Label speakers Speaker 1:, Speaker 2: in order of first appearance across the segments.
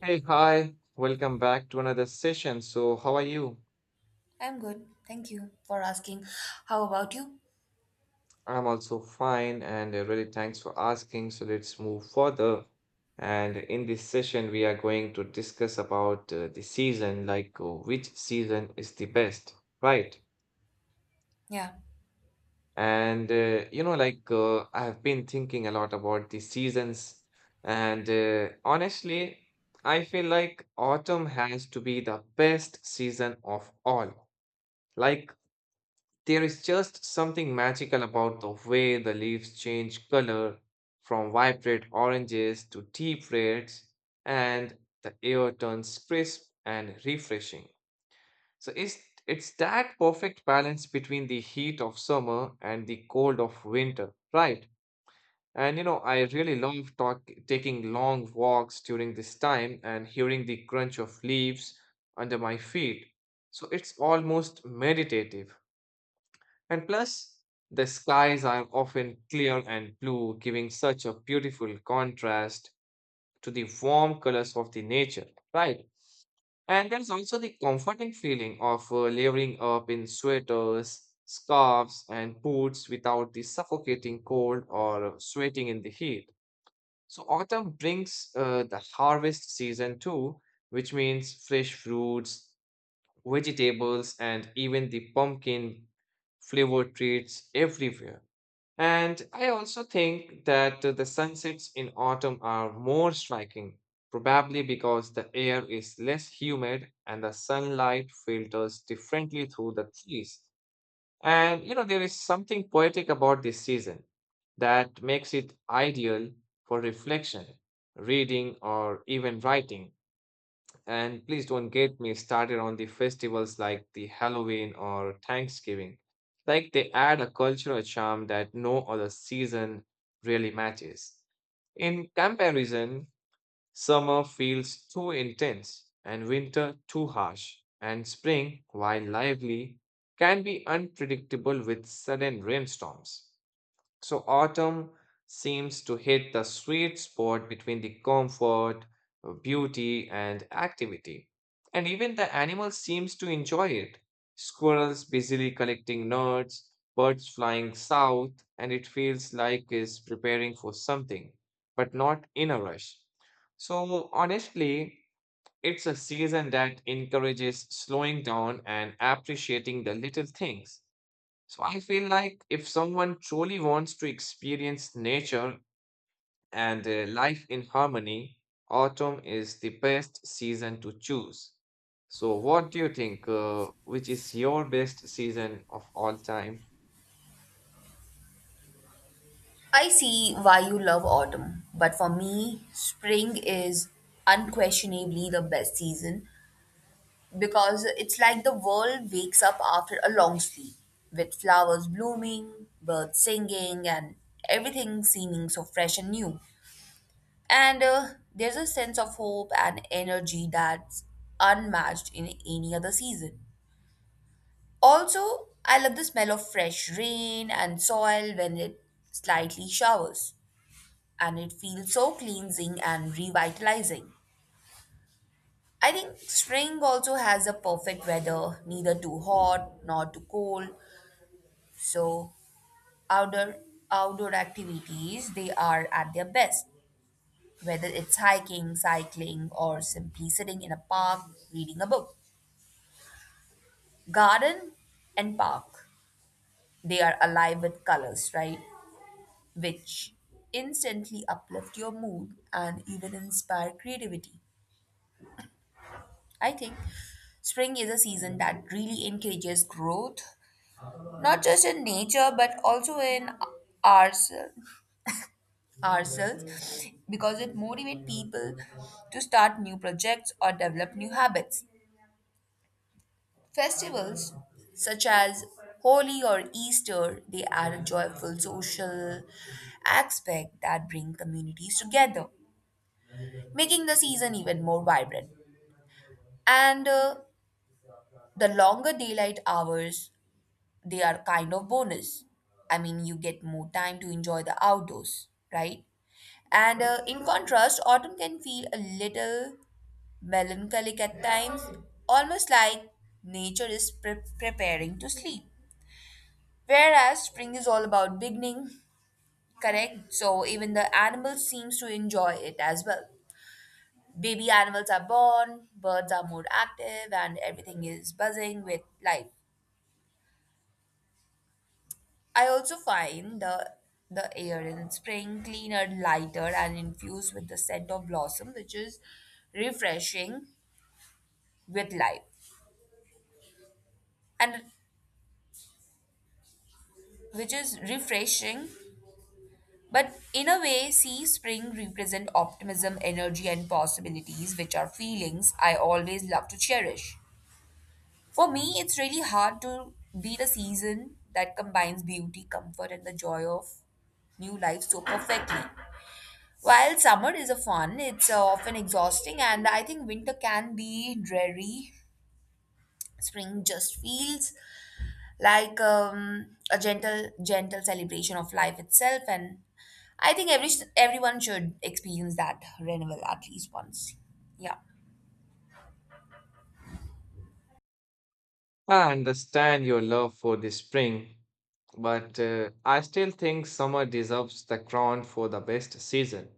Speaker 1: Hey, hi. Welcome back to another session. So, how are you?
Speaker 2: I'm good. Thank you for asking. How about you?
Speaker 1: I'm also fine and really thanks for asking. So, let's move further. And in this session, we are going to discuss about the season, like which season is the best, right?
Speaker 2: Yeah.
Speaker 1: And I have been thinking a lot about the seasons, and honestly, I feel like autumn has to be the best season of all. Like, there is just something magical about the way the leaves change color from vibrant oranges to deep reds, and the air turns crisp and refreshing. So it's that perfect balance between the heat of summer and the cold of winter, right? And you know, I really love taking long walks during this time and hearing the crunch of leaves under my feet. So it's almost meditative. And plus, the skies are often clear and blue, giving such a beautiful contrast to the warm colors of the nature, right? And there's also the comforting feeling of layering up in sweaters, scarves, and boots without the suffocating cold or sweating in the heat. So, autumn brings the harvest season too, which means fresh fruits, vegetables, and even the pumpkin flavored treats everywhere. And I also think that the sunsets in autumn are more striking, probably because the air is less humid and the sunlight filters differently through the trees. And you know, there is something poetic about this season that makes it ideal for reflection, reading, or even writing. And please don't get me started on the festivals like the Halloween or Thanksgiving. Like, they add a cultural charm that no other season really matches. In comparison, summer feels too intense and winter too harsh, and spring, while lively, can be unpredictable with sudden rainstorms. So autumn seems to hit the sweet spot between the comfort, beauty, and activity. And even the animal seems to enjoy it. Squirrels busily collecting nuts, birds flying south, and it feels like is preparing for something, but not in a rush. So honestly, it's a season that encourages slowing down and appreciating the little things. So I feel like if someone truly wants to experience nature and life in harmony, autumn is the best season to choose. So what do you think? Which is your best season of all time?
Speaker 2: I see why you love autumn, but for me, spring is unquestionably the best season because it's like the world wakes up after a long sleep with flowers blooming, birds singing, and everything seeming so fresh and new. And There's a sense of hope and energy that's unmatched in any other season. Also, I love the smell of fresh rain and soil when it slightly showers, and it feels so cleansing and revitalizing. I think spring also has a perfect weather, neither too hot nor too cold. So outdoor outdoor activities they are at their best, whether it's hiking, cycling, or simply sitting in a park reading a book. Garden and park, they are alive with colors, right? Which instantly uplift your mood and even inspire creativity. I think spring is a season that really encourages growth, not just in nature but also in ourselves, ourselves because it motivates people to start new projects or develop new habits. Festivals such as Holi or Easter, they add a joyful social aspect that bring communities together, making the season even more vibrant. And The longer daylight hours, they are kind of bonus. I mean, you get more time to enjoy the outdoors, right? And in contrast, autumn can feel a little melancholic at times, almost like nature is preparing to sleep. Whereas spring is all about beginning, correct? So even the animals seems to enjoy it as well. Baby animals are born, birds are more active, and everything is buzzing with life. I also find the air in spring cleaner, lighter, and infused with the scent of blossom, refreshing with life, and which is refreshing. But in a way, see, spring represent optimism, energy, and possibilities, which are feelings I always love to cherish. For me, it's really hard to be the season that combines beauty, comfort, and the joy of new life so perfectly. While summer is a fun, it's often exhausting, and I think winter can be dreary. Spring just feels like a gentle celebration of life itself, and I think everyone should experience that renewal at least once. Yeah.
Speaker 1: I understand your love for the spring, but I still think summer deserves the crown for the best season.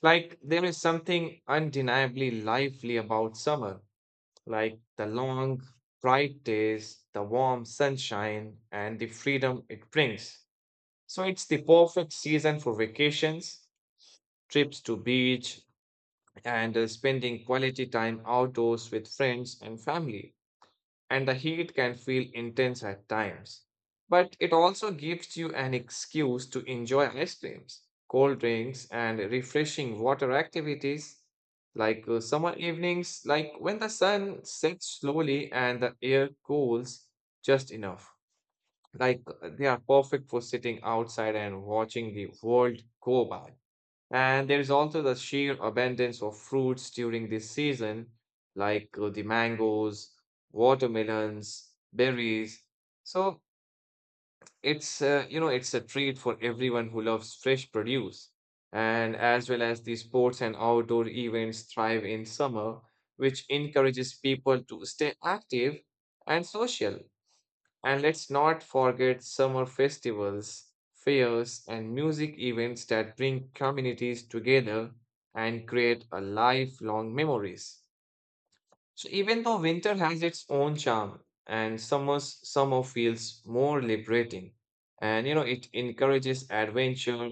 Speaker 1: Like, there is something undeniably lively about summer, like the long, bright days, the warm sunshine, and the freedom it brings. So it's the perfect season for vacations, trips to beach, and spending quality time outdoors with friends and family, and the heat can feel intense at times. But it also gives you an excuse to enjoy ice creams, cold drinks, and refreshing water activities like summer evenings, like when the sun sets slowly and the air cools just enough. Like they are perfect for sitting outside and watching the world go by. And there is also the sheer abundance of fruits during this season, like the mangoes, watermelons, berries. So it's you know, it's a treat for everyone who loves fresh produce. And as well as the sports and outdoor events thrive in summer, which encourages people to stay active and social. And let's not forget summer festivals, fairs, and music events that bring communities together and create a lifelong memories. So even though winter has its own charm and summer feels more liberating, and you know it encourages adventure,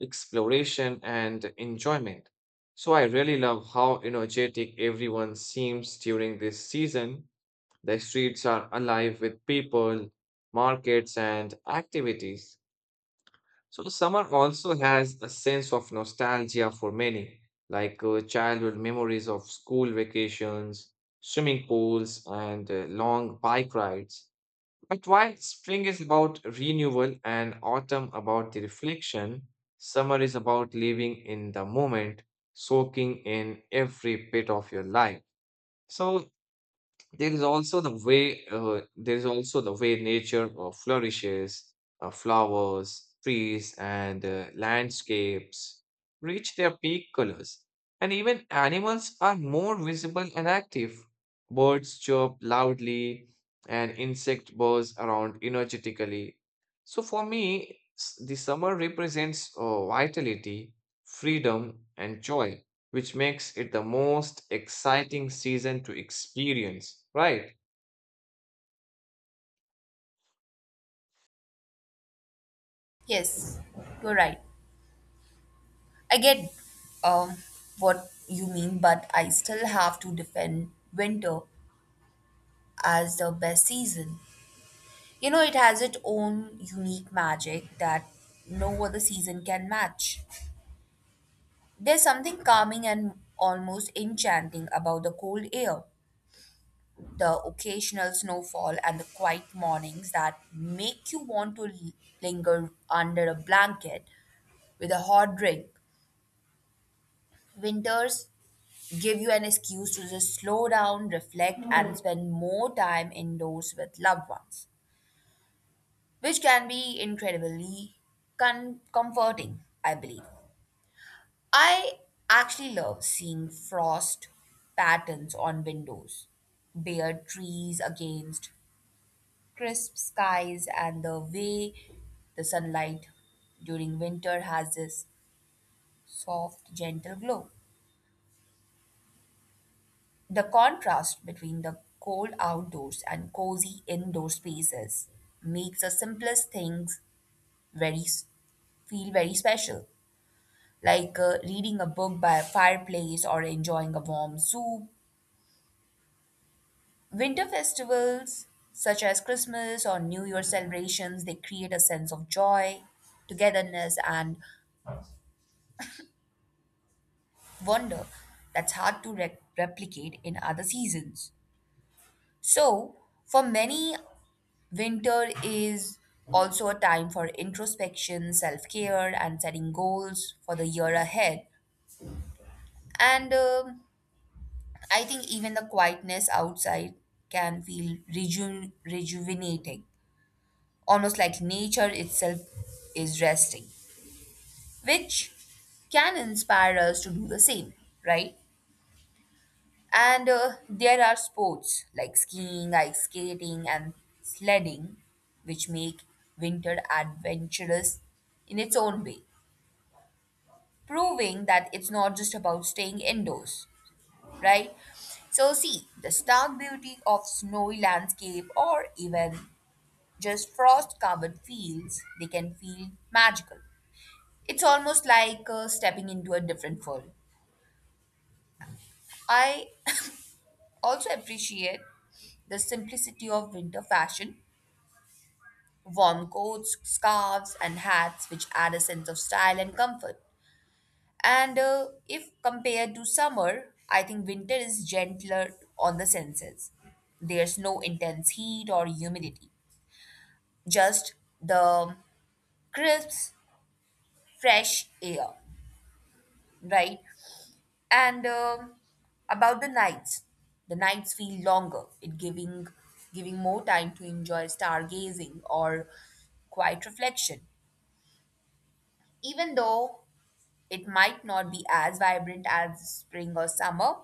Speaker 1: exploration, and enjoyment. So I really love how energetic everyone seems during this season, the streets are alive with people, markets, and activities. So, summer also has a sense of nostalgia for many, like childhood memories of school vacations, swimming pools, and long bike rides. But while spring is about renewal and autumn about the reflection, summer is about living in the moment, soaking in every bit of your life. So, there is also the way nature flourishes, flowers, trees, and landscapes reach their peak colors, and even animals are more visible and active. Birds chirp loudly, and insect buzz around energetically. So for me, the summer represents vitality, freedom, and joy, which makes it the most exciting season to experience, right?
Speaker 2: Yes, you're right. I get um, what you mean, but I still have to defend winter as the best season. You know, it has its own unique magic that no other season can match. There's something calming and almost enchanting about the cold air, the occasional snowfall, and the quiet mornings that make you want to linger under a blanket with a hot drink. Winters give you an excuse to just slow down, reflect, and spend more time indoors with loved ones, which can be incredibly comforting, I believe. I actually love seeing frost patterns on windows, bare trees against crisp skies, and the way the sunlight during winter has this soft, gentle glow. The contrast between the cold outdoors and cozy indoor spaces makes the simplest things very s- feel very special, like reading a book by a fireplace or enjoying a warm soup. Winter festivals such as Christmas or New Year celebrations, they create a sense of joy, togetherness and wonder that's hard to replicate in other seasons. So, for many, winter is also a time for introspection, self care, and setting goals for the year ahead. And I think even the quietness outside can feel rejuvenating, almost like nature itself is resting, which can inspire us to do the same, right? And There are sports like skiing, ice skating, and sledding, which make winter adventurous in its own way, proving that it's not just about staying indoors, right? So, see, the stark beauty of snowy landscape or even just frost covered fields, they can feel magical. It's almost like stepping into a different world. I also appreciate the simplicity of winter fashion, warm coats, scarves, and hats, which add a sense of style and comfort. And if compared to summer, I think winter is gentler on the senses. There's no intense heat or humidity, just the crisp, fresh air, right? And about the nights feel longer. It giving more time to enjoy stargazing or quiet reflection. Even though it might not be as vibrant as spring or summer,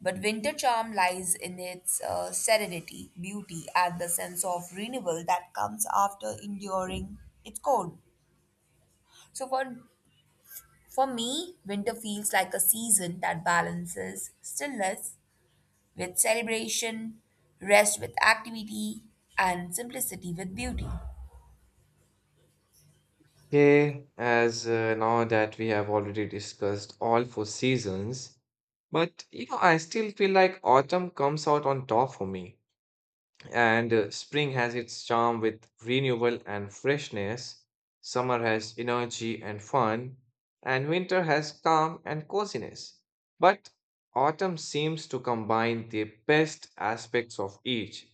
Speaker 2: but winter charm lies in its serenity, beauty, and the sense of renewal that comes after enduring its cold. So for me, winter feels like a season that balances stillness with celebration, rest with activity, and simplicity with beauty.
Speaker 1: Okay, as now that we have already discussed all four seasons, but you know, I still feel like autumn comes out on top for me, and spring has its charm with renewal and freshness, summer has energy and fun, and winter has calm and coziness. But autumn seems to combine the best aspects of each.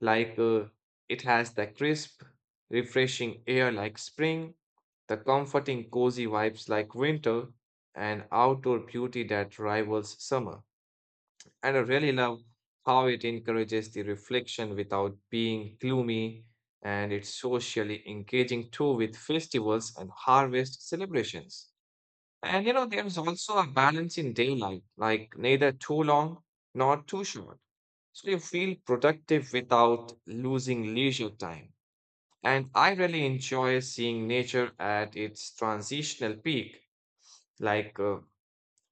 Speaker 1: Like it has the crisp, refreshing air like spring, the comforting, cozy vibes like winter, and outdoor beauty that rivals summer. And I really love how it encourages the reflection without being gloomy, and it's socially engaging too with festivals and harvest celebrations. And you know, there's also a balance in daylight, like neither too long nor too short, so you feel productive without losing leisure time. And I really enjoy seeing nature at its transitional peak, like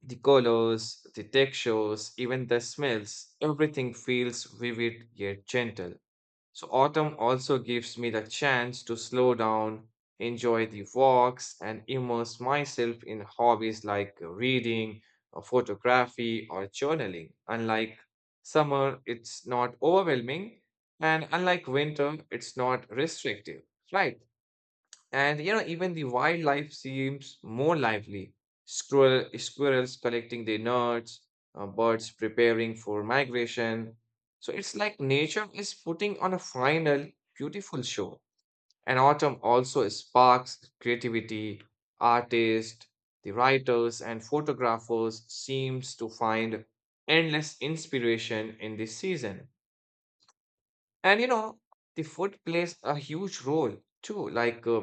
Speaker 1: the colors, the textures, even the smells. Everything feels vivid yet gentle. So, autumn also gives me the chance to slow down, enjoy the walks, and immerse myself in hobbies like reading, or photography, or journaling. Unlike summer, it's not overwhelming, and unlike winter, it's not restrictive, right? And you know, even the wildlife seems more lively. Squirrels collecting their nuts, birds preparing for migration. So it's like nature is putting on a final beautiful show. And autumn also sparks creativity. Artists, the writers, and photographers seems to find endless inspiration in this season. And you know, the food plays a huge role too, like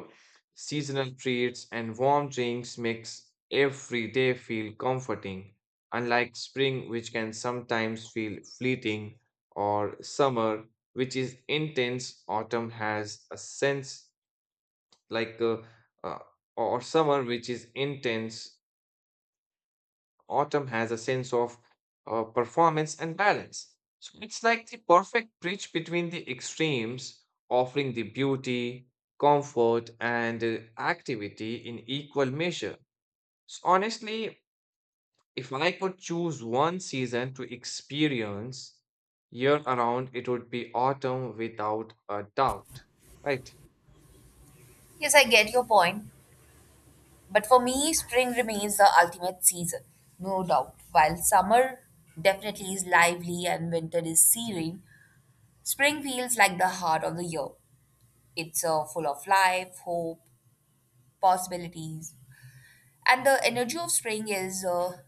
Speaker 1: seasonal treats and warm drinks makes every day feel comforting, unlike spring, which can sometimes feel fleeting, or summer, which is intense. Autumn has a sense like uh, or summer, which is intense. Autumn has a sense of performance and balance. So it's like the perfect bridge between the extremes, offering the beauty, comfort, and activity in equal measure. So honestly, if I could choose one season to experience year around, it would be autumn without a doubt. Right.
Speaker 2: Yes, I get your point, but for me, spring remains the ultimate season, no doubt. While summer definitely is lively and winter is serene, spring feels like the heart of the year. It's full of life, hope, possibilities. And the energy of spring is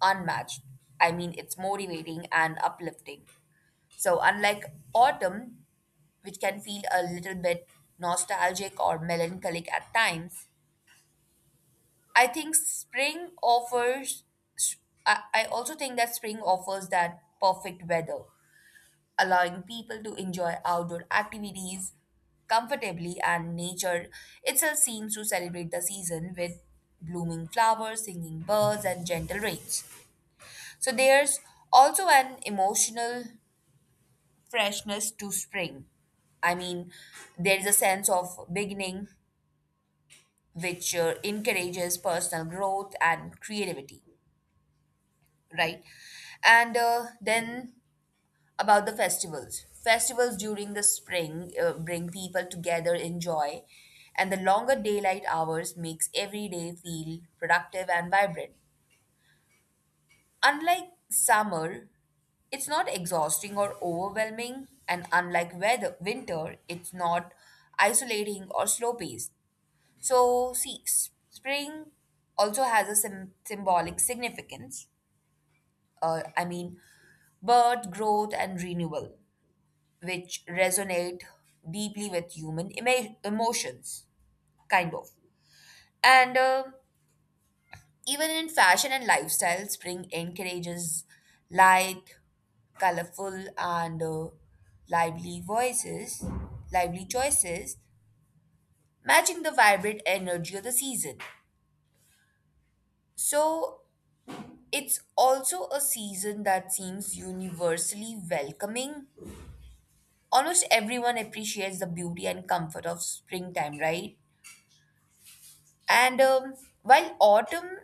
Speaker 2: unmatched. I mean, it's motivating and uplifting. So, unlike autumn, which can feel a little bit nostalgic or melancholic at times, I think spring offers, I also think that spring offers that perfect weather, allowing people to enjoy outdoor activities comfortably, and nature itself seems to celebrate the season with blooming flowers, singing birds, and gentle rains. So there's also an emotional freshness to spring. I mean, there is a sense of beginning which encourages personal growth and creativity, right? And Then about the festivals. Festivals during the spring bring people together in joy, and the longer daylight hours makes every day feel productive and vibrant. Unlike summer, it's not exhausting or overwhelming, and unlike weather winter, it's not isolating or slow paced. So, see, spring also has a symbolic significance, I mean, birth, growth, and renewal, which resonate deeply with human emotions, kind of. And Even in fashion and lifestyle, spring encourages light, colorful, and lively voices, lively choices, matching the vibrant energy of the season. So it's also a season that seems universally welcoming, almost everyone appreciates the beauty and comfort of springtime, right? And While autumn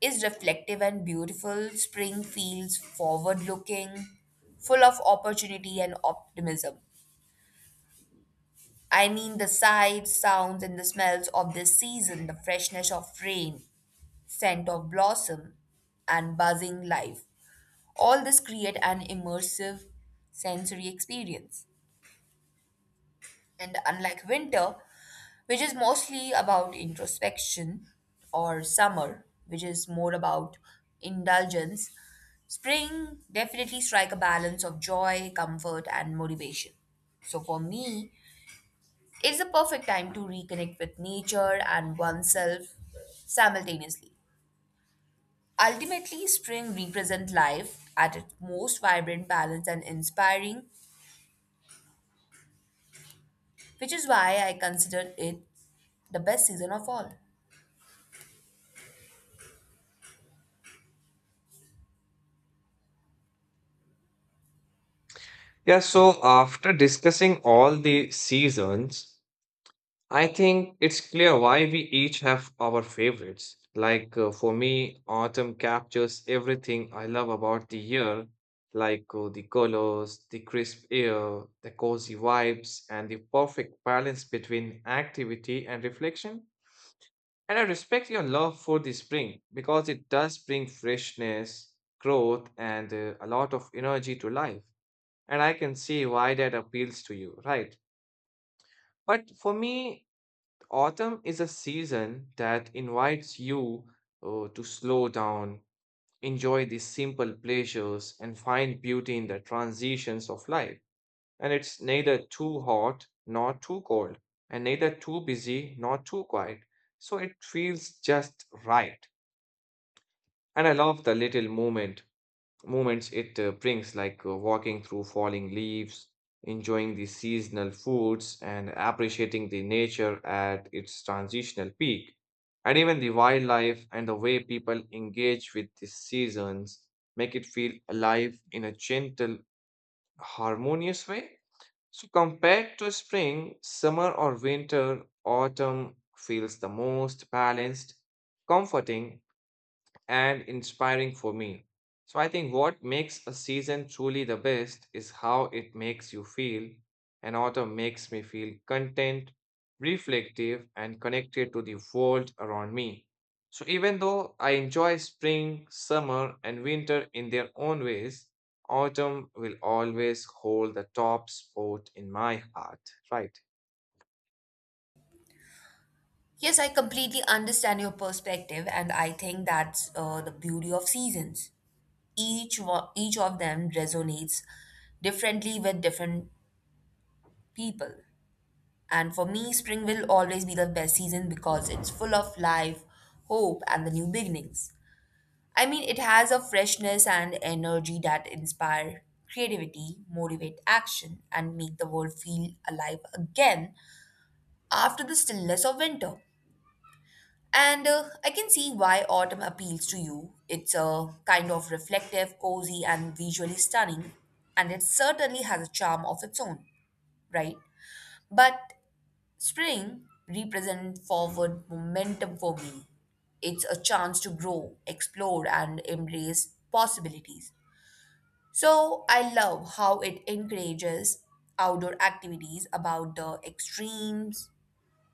Speaker 2: is reflective and beautiful, spring feels forward looking, full of opportunity and optimism. I mean, the sights, sounds, and the smells of this season, the freshness of rain, scent of blossom, and buzzing life. All this create an immersive sensory experience. And unlike winter, which is mostly about introspection, or summer, which is more about indulgence, spring definitely strike a balance of joy, comfort, and motivation. So for me, it's the perfect time to reconnect with nature and oneself simultaneously. Ultimately, spring represents life at its most vibrant, balanced, and inspiring, which is why I consider it the best season of all.
Speaker 1: Yeah, so after discussing all the seasons, I think it's clear why we each have our favorites. Like for me, autumn captures everything I love about the year, like the colors, the crisp air, the cozy vibes, and the perfect balance between activity and reflection. And I respect your love for the spring because it does bring freshness, growth, and a lot of energy to life. And I can see why that appeals to you, right? But for me, autumn is a season that invites you to slow down, enjoy the simple pleasures, and find beauty in the transitions of life. And it's neither too hot nor too cold, and neither too busy nor too quiet. So it feels just right. And I love the little moments it brings, like walking through falling leaves, enjoying the seasonal foods, and appreciating the nature at its transitional peak. And even the wildlife and the way people engage with the seasons make it feel alive in a gentle, harmonious way. So, compared to spring, summer or winter, autumn feels the most balanced, comforting, and inspiring for me. So I think what makes a season truly the best is how it makes you feel, and autumn makes me feel content, reflective, and connected to the world around me. So even though I enjoy spring, summer, and winter in their own ways, autumn will always hold the top spot in my heart. Right.
Speaker 2: Yes, I completely understand your perspective, and I think that's the beauty of seasons. Each of them resonates differently with different people. And for me, spring will always be the best season because it's full of life, hope, and the new beginnings. I mean, it has a freshness and energy that inspire creativity, motivate action, and make the world feel alive again after the stillness of winter. And I can see why autumn appeals to you. It's a kind of reflective, cozy, and visually stunning, and it certainly has a charm of its own, right? But spring represents forward momentum for me. It's a chance to grow, explore, and embrace possibilities. So I love how it encourages outdoor activities about the extremes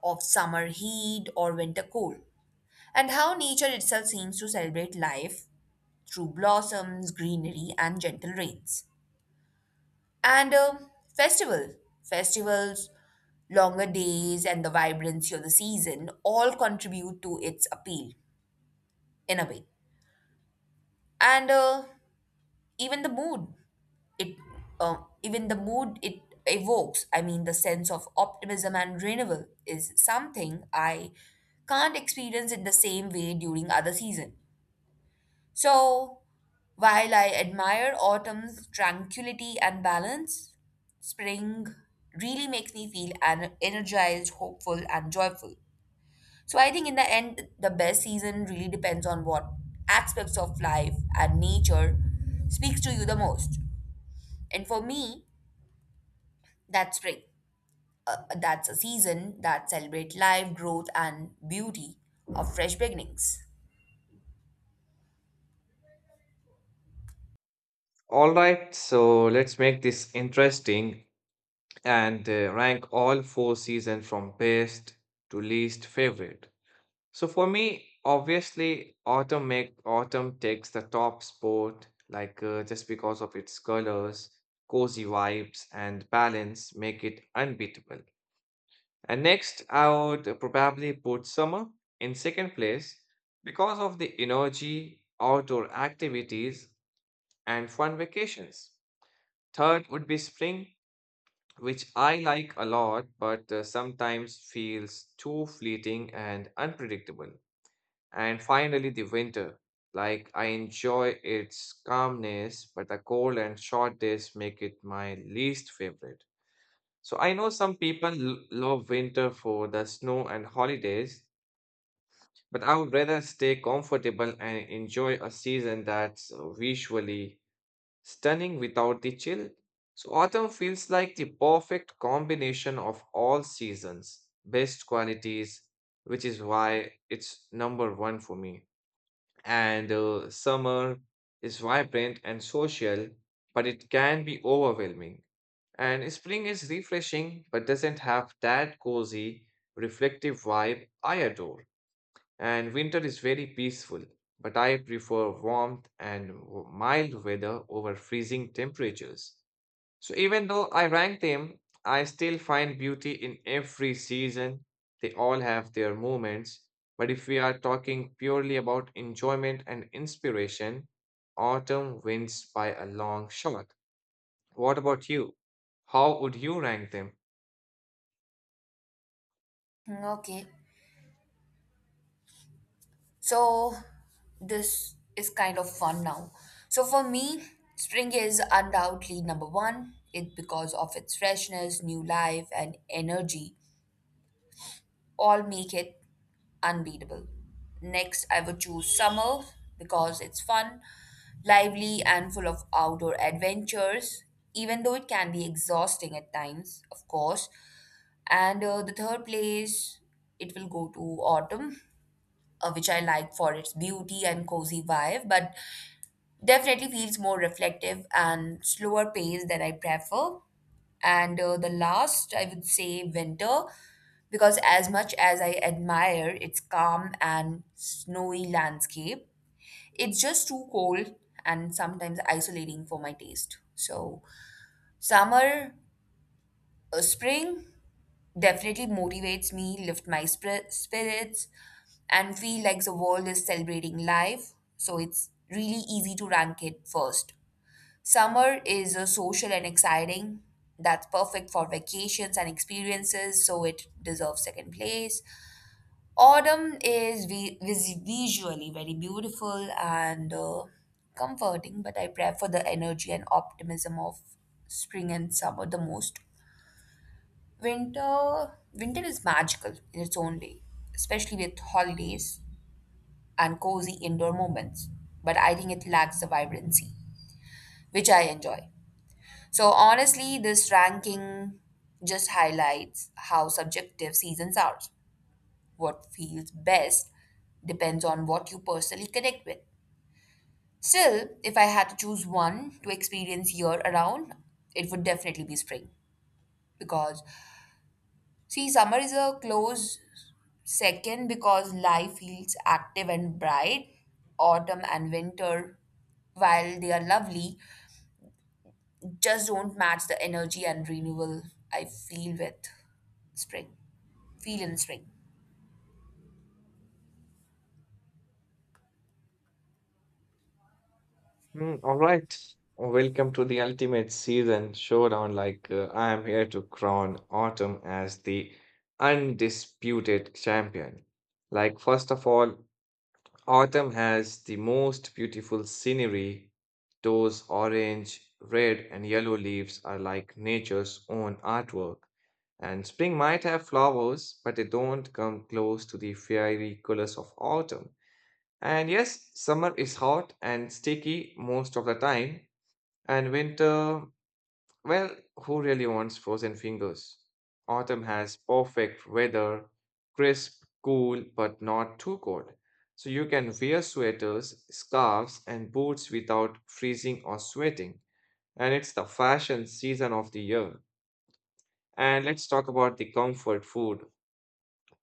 Speaker 2: of summer heat or winter cold, and how nature itself seems to celebrate life through blossoms, greenery, and gentle rains. And um, festival, Festivals, longer days, and the vibrancy of the season all contribute to its appeal in a way. And even the mood, it uh, Even the mood it evokes. I mean, the sense of optimism and renewal is something I can't experience in the same way during other season. So, while I admire autumn's tranquility and balance, spring really makes me feel energized, hopeful, and joyful. So, I think in the end, the best season really depends on what aspects of life and nature speaks to you the most. And for me, that's spring. That's a season that celebrates life, growth, and beauty of fresh beginnings.
Speaker 1: All right, so let's make this interesting and rank all four seasons from best to least favorite. So for me, obviously, autumn takes the top spot, like just because of its colors, cozy vibes, and balance make it unbeatable. And next, I would probably put summer in second place because of the energy, outdoor activities, and fun vacations. Third would be spring, which I like a lot, but sometimes feels too fleeting and unpredictable. And finally, the winter. Like, I enjoy its calmness, but the cold and short days make it my least favorite. So, I know some people love winter for the snow and holidays, but I would rather stay comfortable and enjoy a season that's visually stunning without the chill. So, autumn feels like the perfect combination of all seasons, best qualities, which is why it's number one for me. And summer is vibrant and social, but it can be overwhelming. And spring is refreshing, but doesn't have that cozy, reflective vibe I adore, and winter is very peaceful, but I prefer warmth and mild weather over freezing temperatures. So even though I rank them, I still find beauty in every season. They all have their moments. But if we are talking purely about enjoyment and inspiration, autumn wins by a long shot. What about you? How would you rank them?
Speaker 2: Hmm, okay. So this is kind of fun now. So for me, spring is undoubtedly number one. It because of its freshness, new life, and energy all make it unbeatable. Next, I would choose summer because it's fun, lively, and full of outdoor adventures. Even though it can be exhausting at times, of course. And The third place, it will go to autumn, which I like for its beauty and cozy vibe, but definitely feels more reflective and slower pace than I prefer. And The last, I would say, winter, because as much as I admire its calm and snowy landscape, it's just too cold and sometimes isolating for my taste. So, summer, spring, definitely motivates me, lift my spirits, and feel like the world is celebrating life. So it's really easy to rank it first. Summer is social and exciting. That's perfect for vacations and experiences, so it deserves second place. Autumn is visually very beautiful and comforting, but I prefer the energy and optimism of spring and summer the most. Winter is magical in its own way, especially with holidays and cozy indoor moments. But I think it lacks the vibrancy, which I enjoy. So honestly, this ranking just highlights how subjective seasons are. What feels best depends on what you personally connect with. Still, if I had to choose one to experience year around, it would definitely be spring, because see, summer is a close second because life feels active and bright. Autumn and winter, while they are lovely, just don't match the energy and renewal I feel with spring. Feel in spring.
Speaker 1: Hmm. All right. Welcome to the ultimate season showdown. Like, I am here to crown autumn as the undisputed champion. Like, first of all, autumn has the most beautiful scenery. Those orange, red, and yellow leaves are like nature's own artwork. And spring might have flowers, but they don't come close to the fiery colors of autumn. And yes, summer is hot and sticky most of the time, and winter, well, who really wants frozen fingers? Autumn has perfect weather, crisp, cool, but not too cold. So you can wear sweaters, scarves, and boots without freezing or sweating. And it's the fashion season of the year. And let's talk about the comfort food: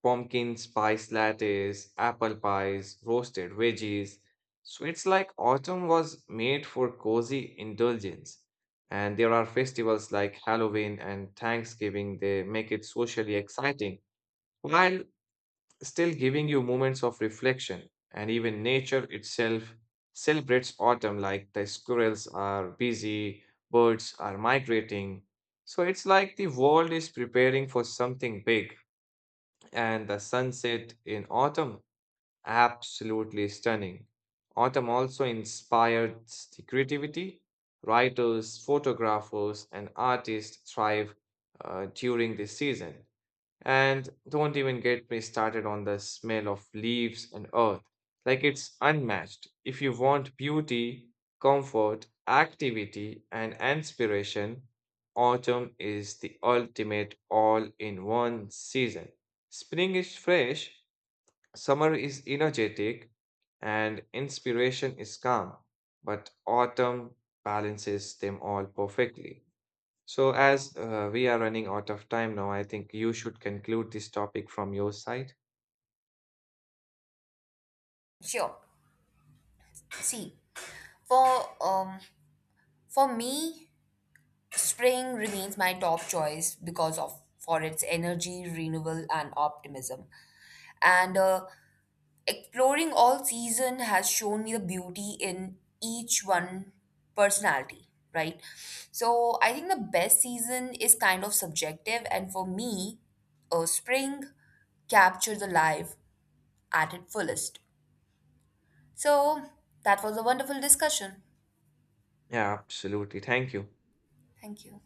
Speaker 1: pumpkin spice lattes, apple pies, roasted veggies. Sweets like autumn was made for cozy indulgence. And there are festivals like Halloween and Thanksgiving, they make it socially exciting while still giving you moments of reflection. And even nature itself celebrates autumn, like the squirrels are busy, birds are migrating. So it's like the world is preparing for something big, and the sunset in autumn, absolutely stunning. Autumn also inspired the creativity, writers, photographers, and artists thrive during this season, and don't even get me started on the smell of leaves and earth. Like, it's unmatched. If you want beauty, comfort, activity, and inspiration, autumn is the ultimate all in one season. Spring is fresh, summer is energetic, and inspiration is calm. But autumn balances them all perfectly. So, as we are running out of time now, I think you should conclude this topic from your side.
Speaker 2: Sure. See, for um for me, spring remains my top choice because of for its energy, renewal, and optimism. And Exploring all season has shown me the beauty in each one personality, right? So I think the best season is kind of subjective, and for me, spring captured the life at its fullest. So that was a wonderful discussion.
Speaker 1: Yeah, absolutely. Thank you.
Speaker 2: Thank you.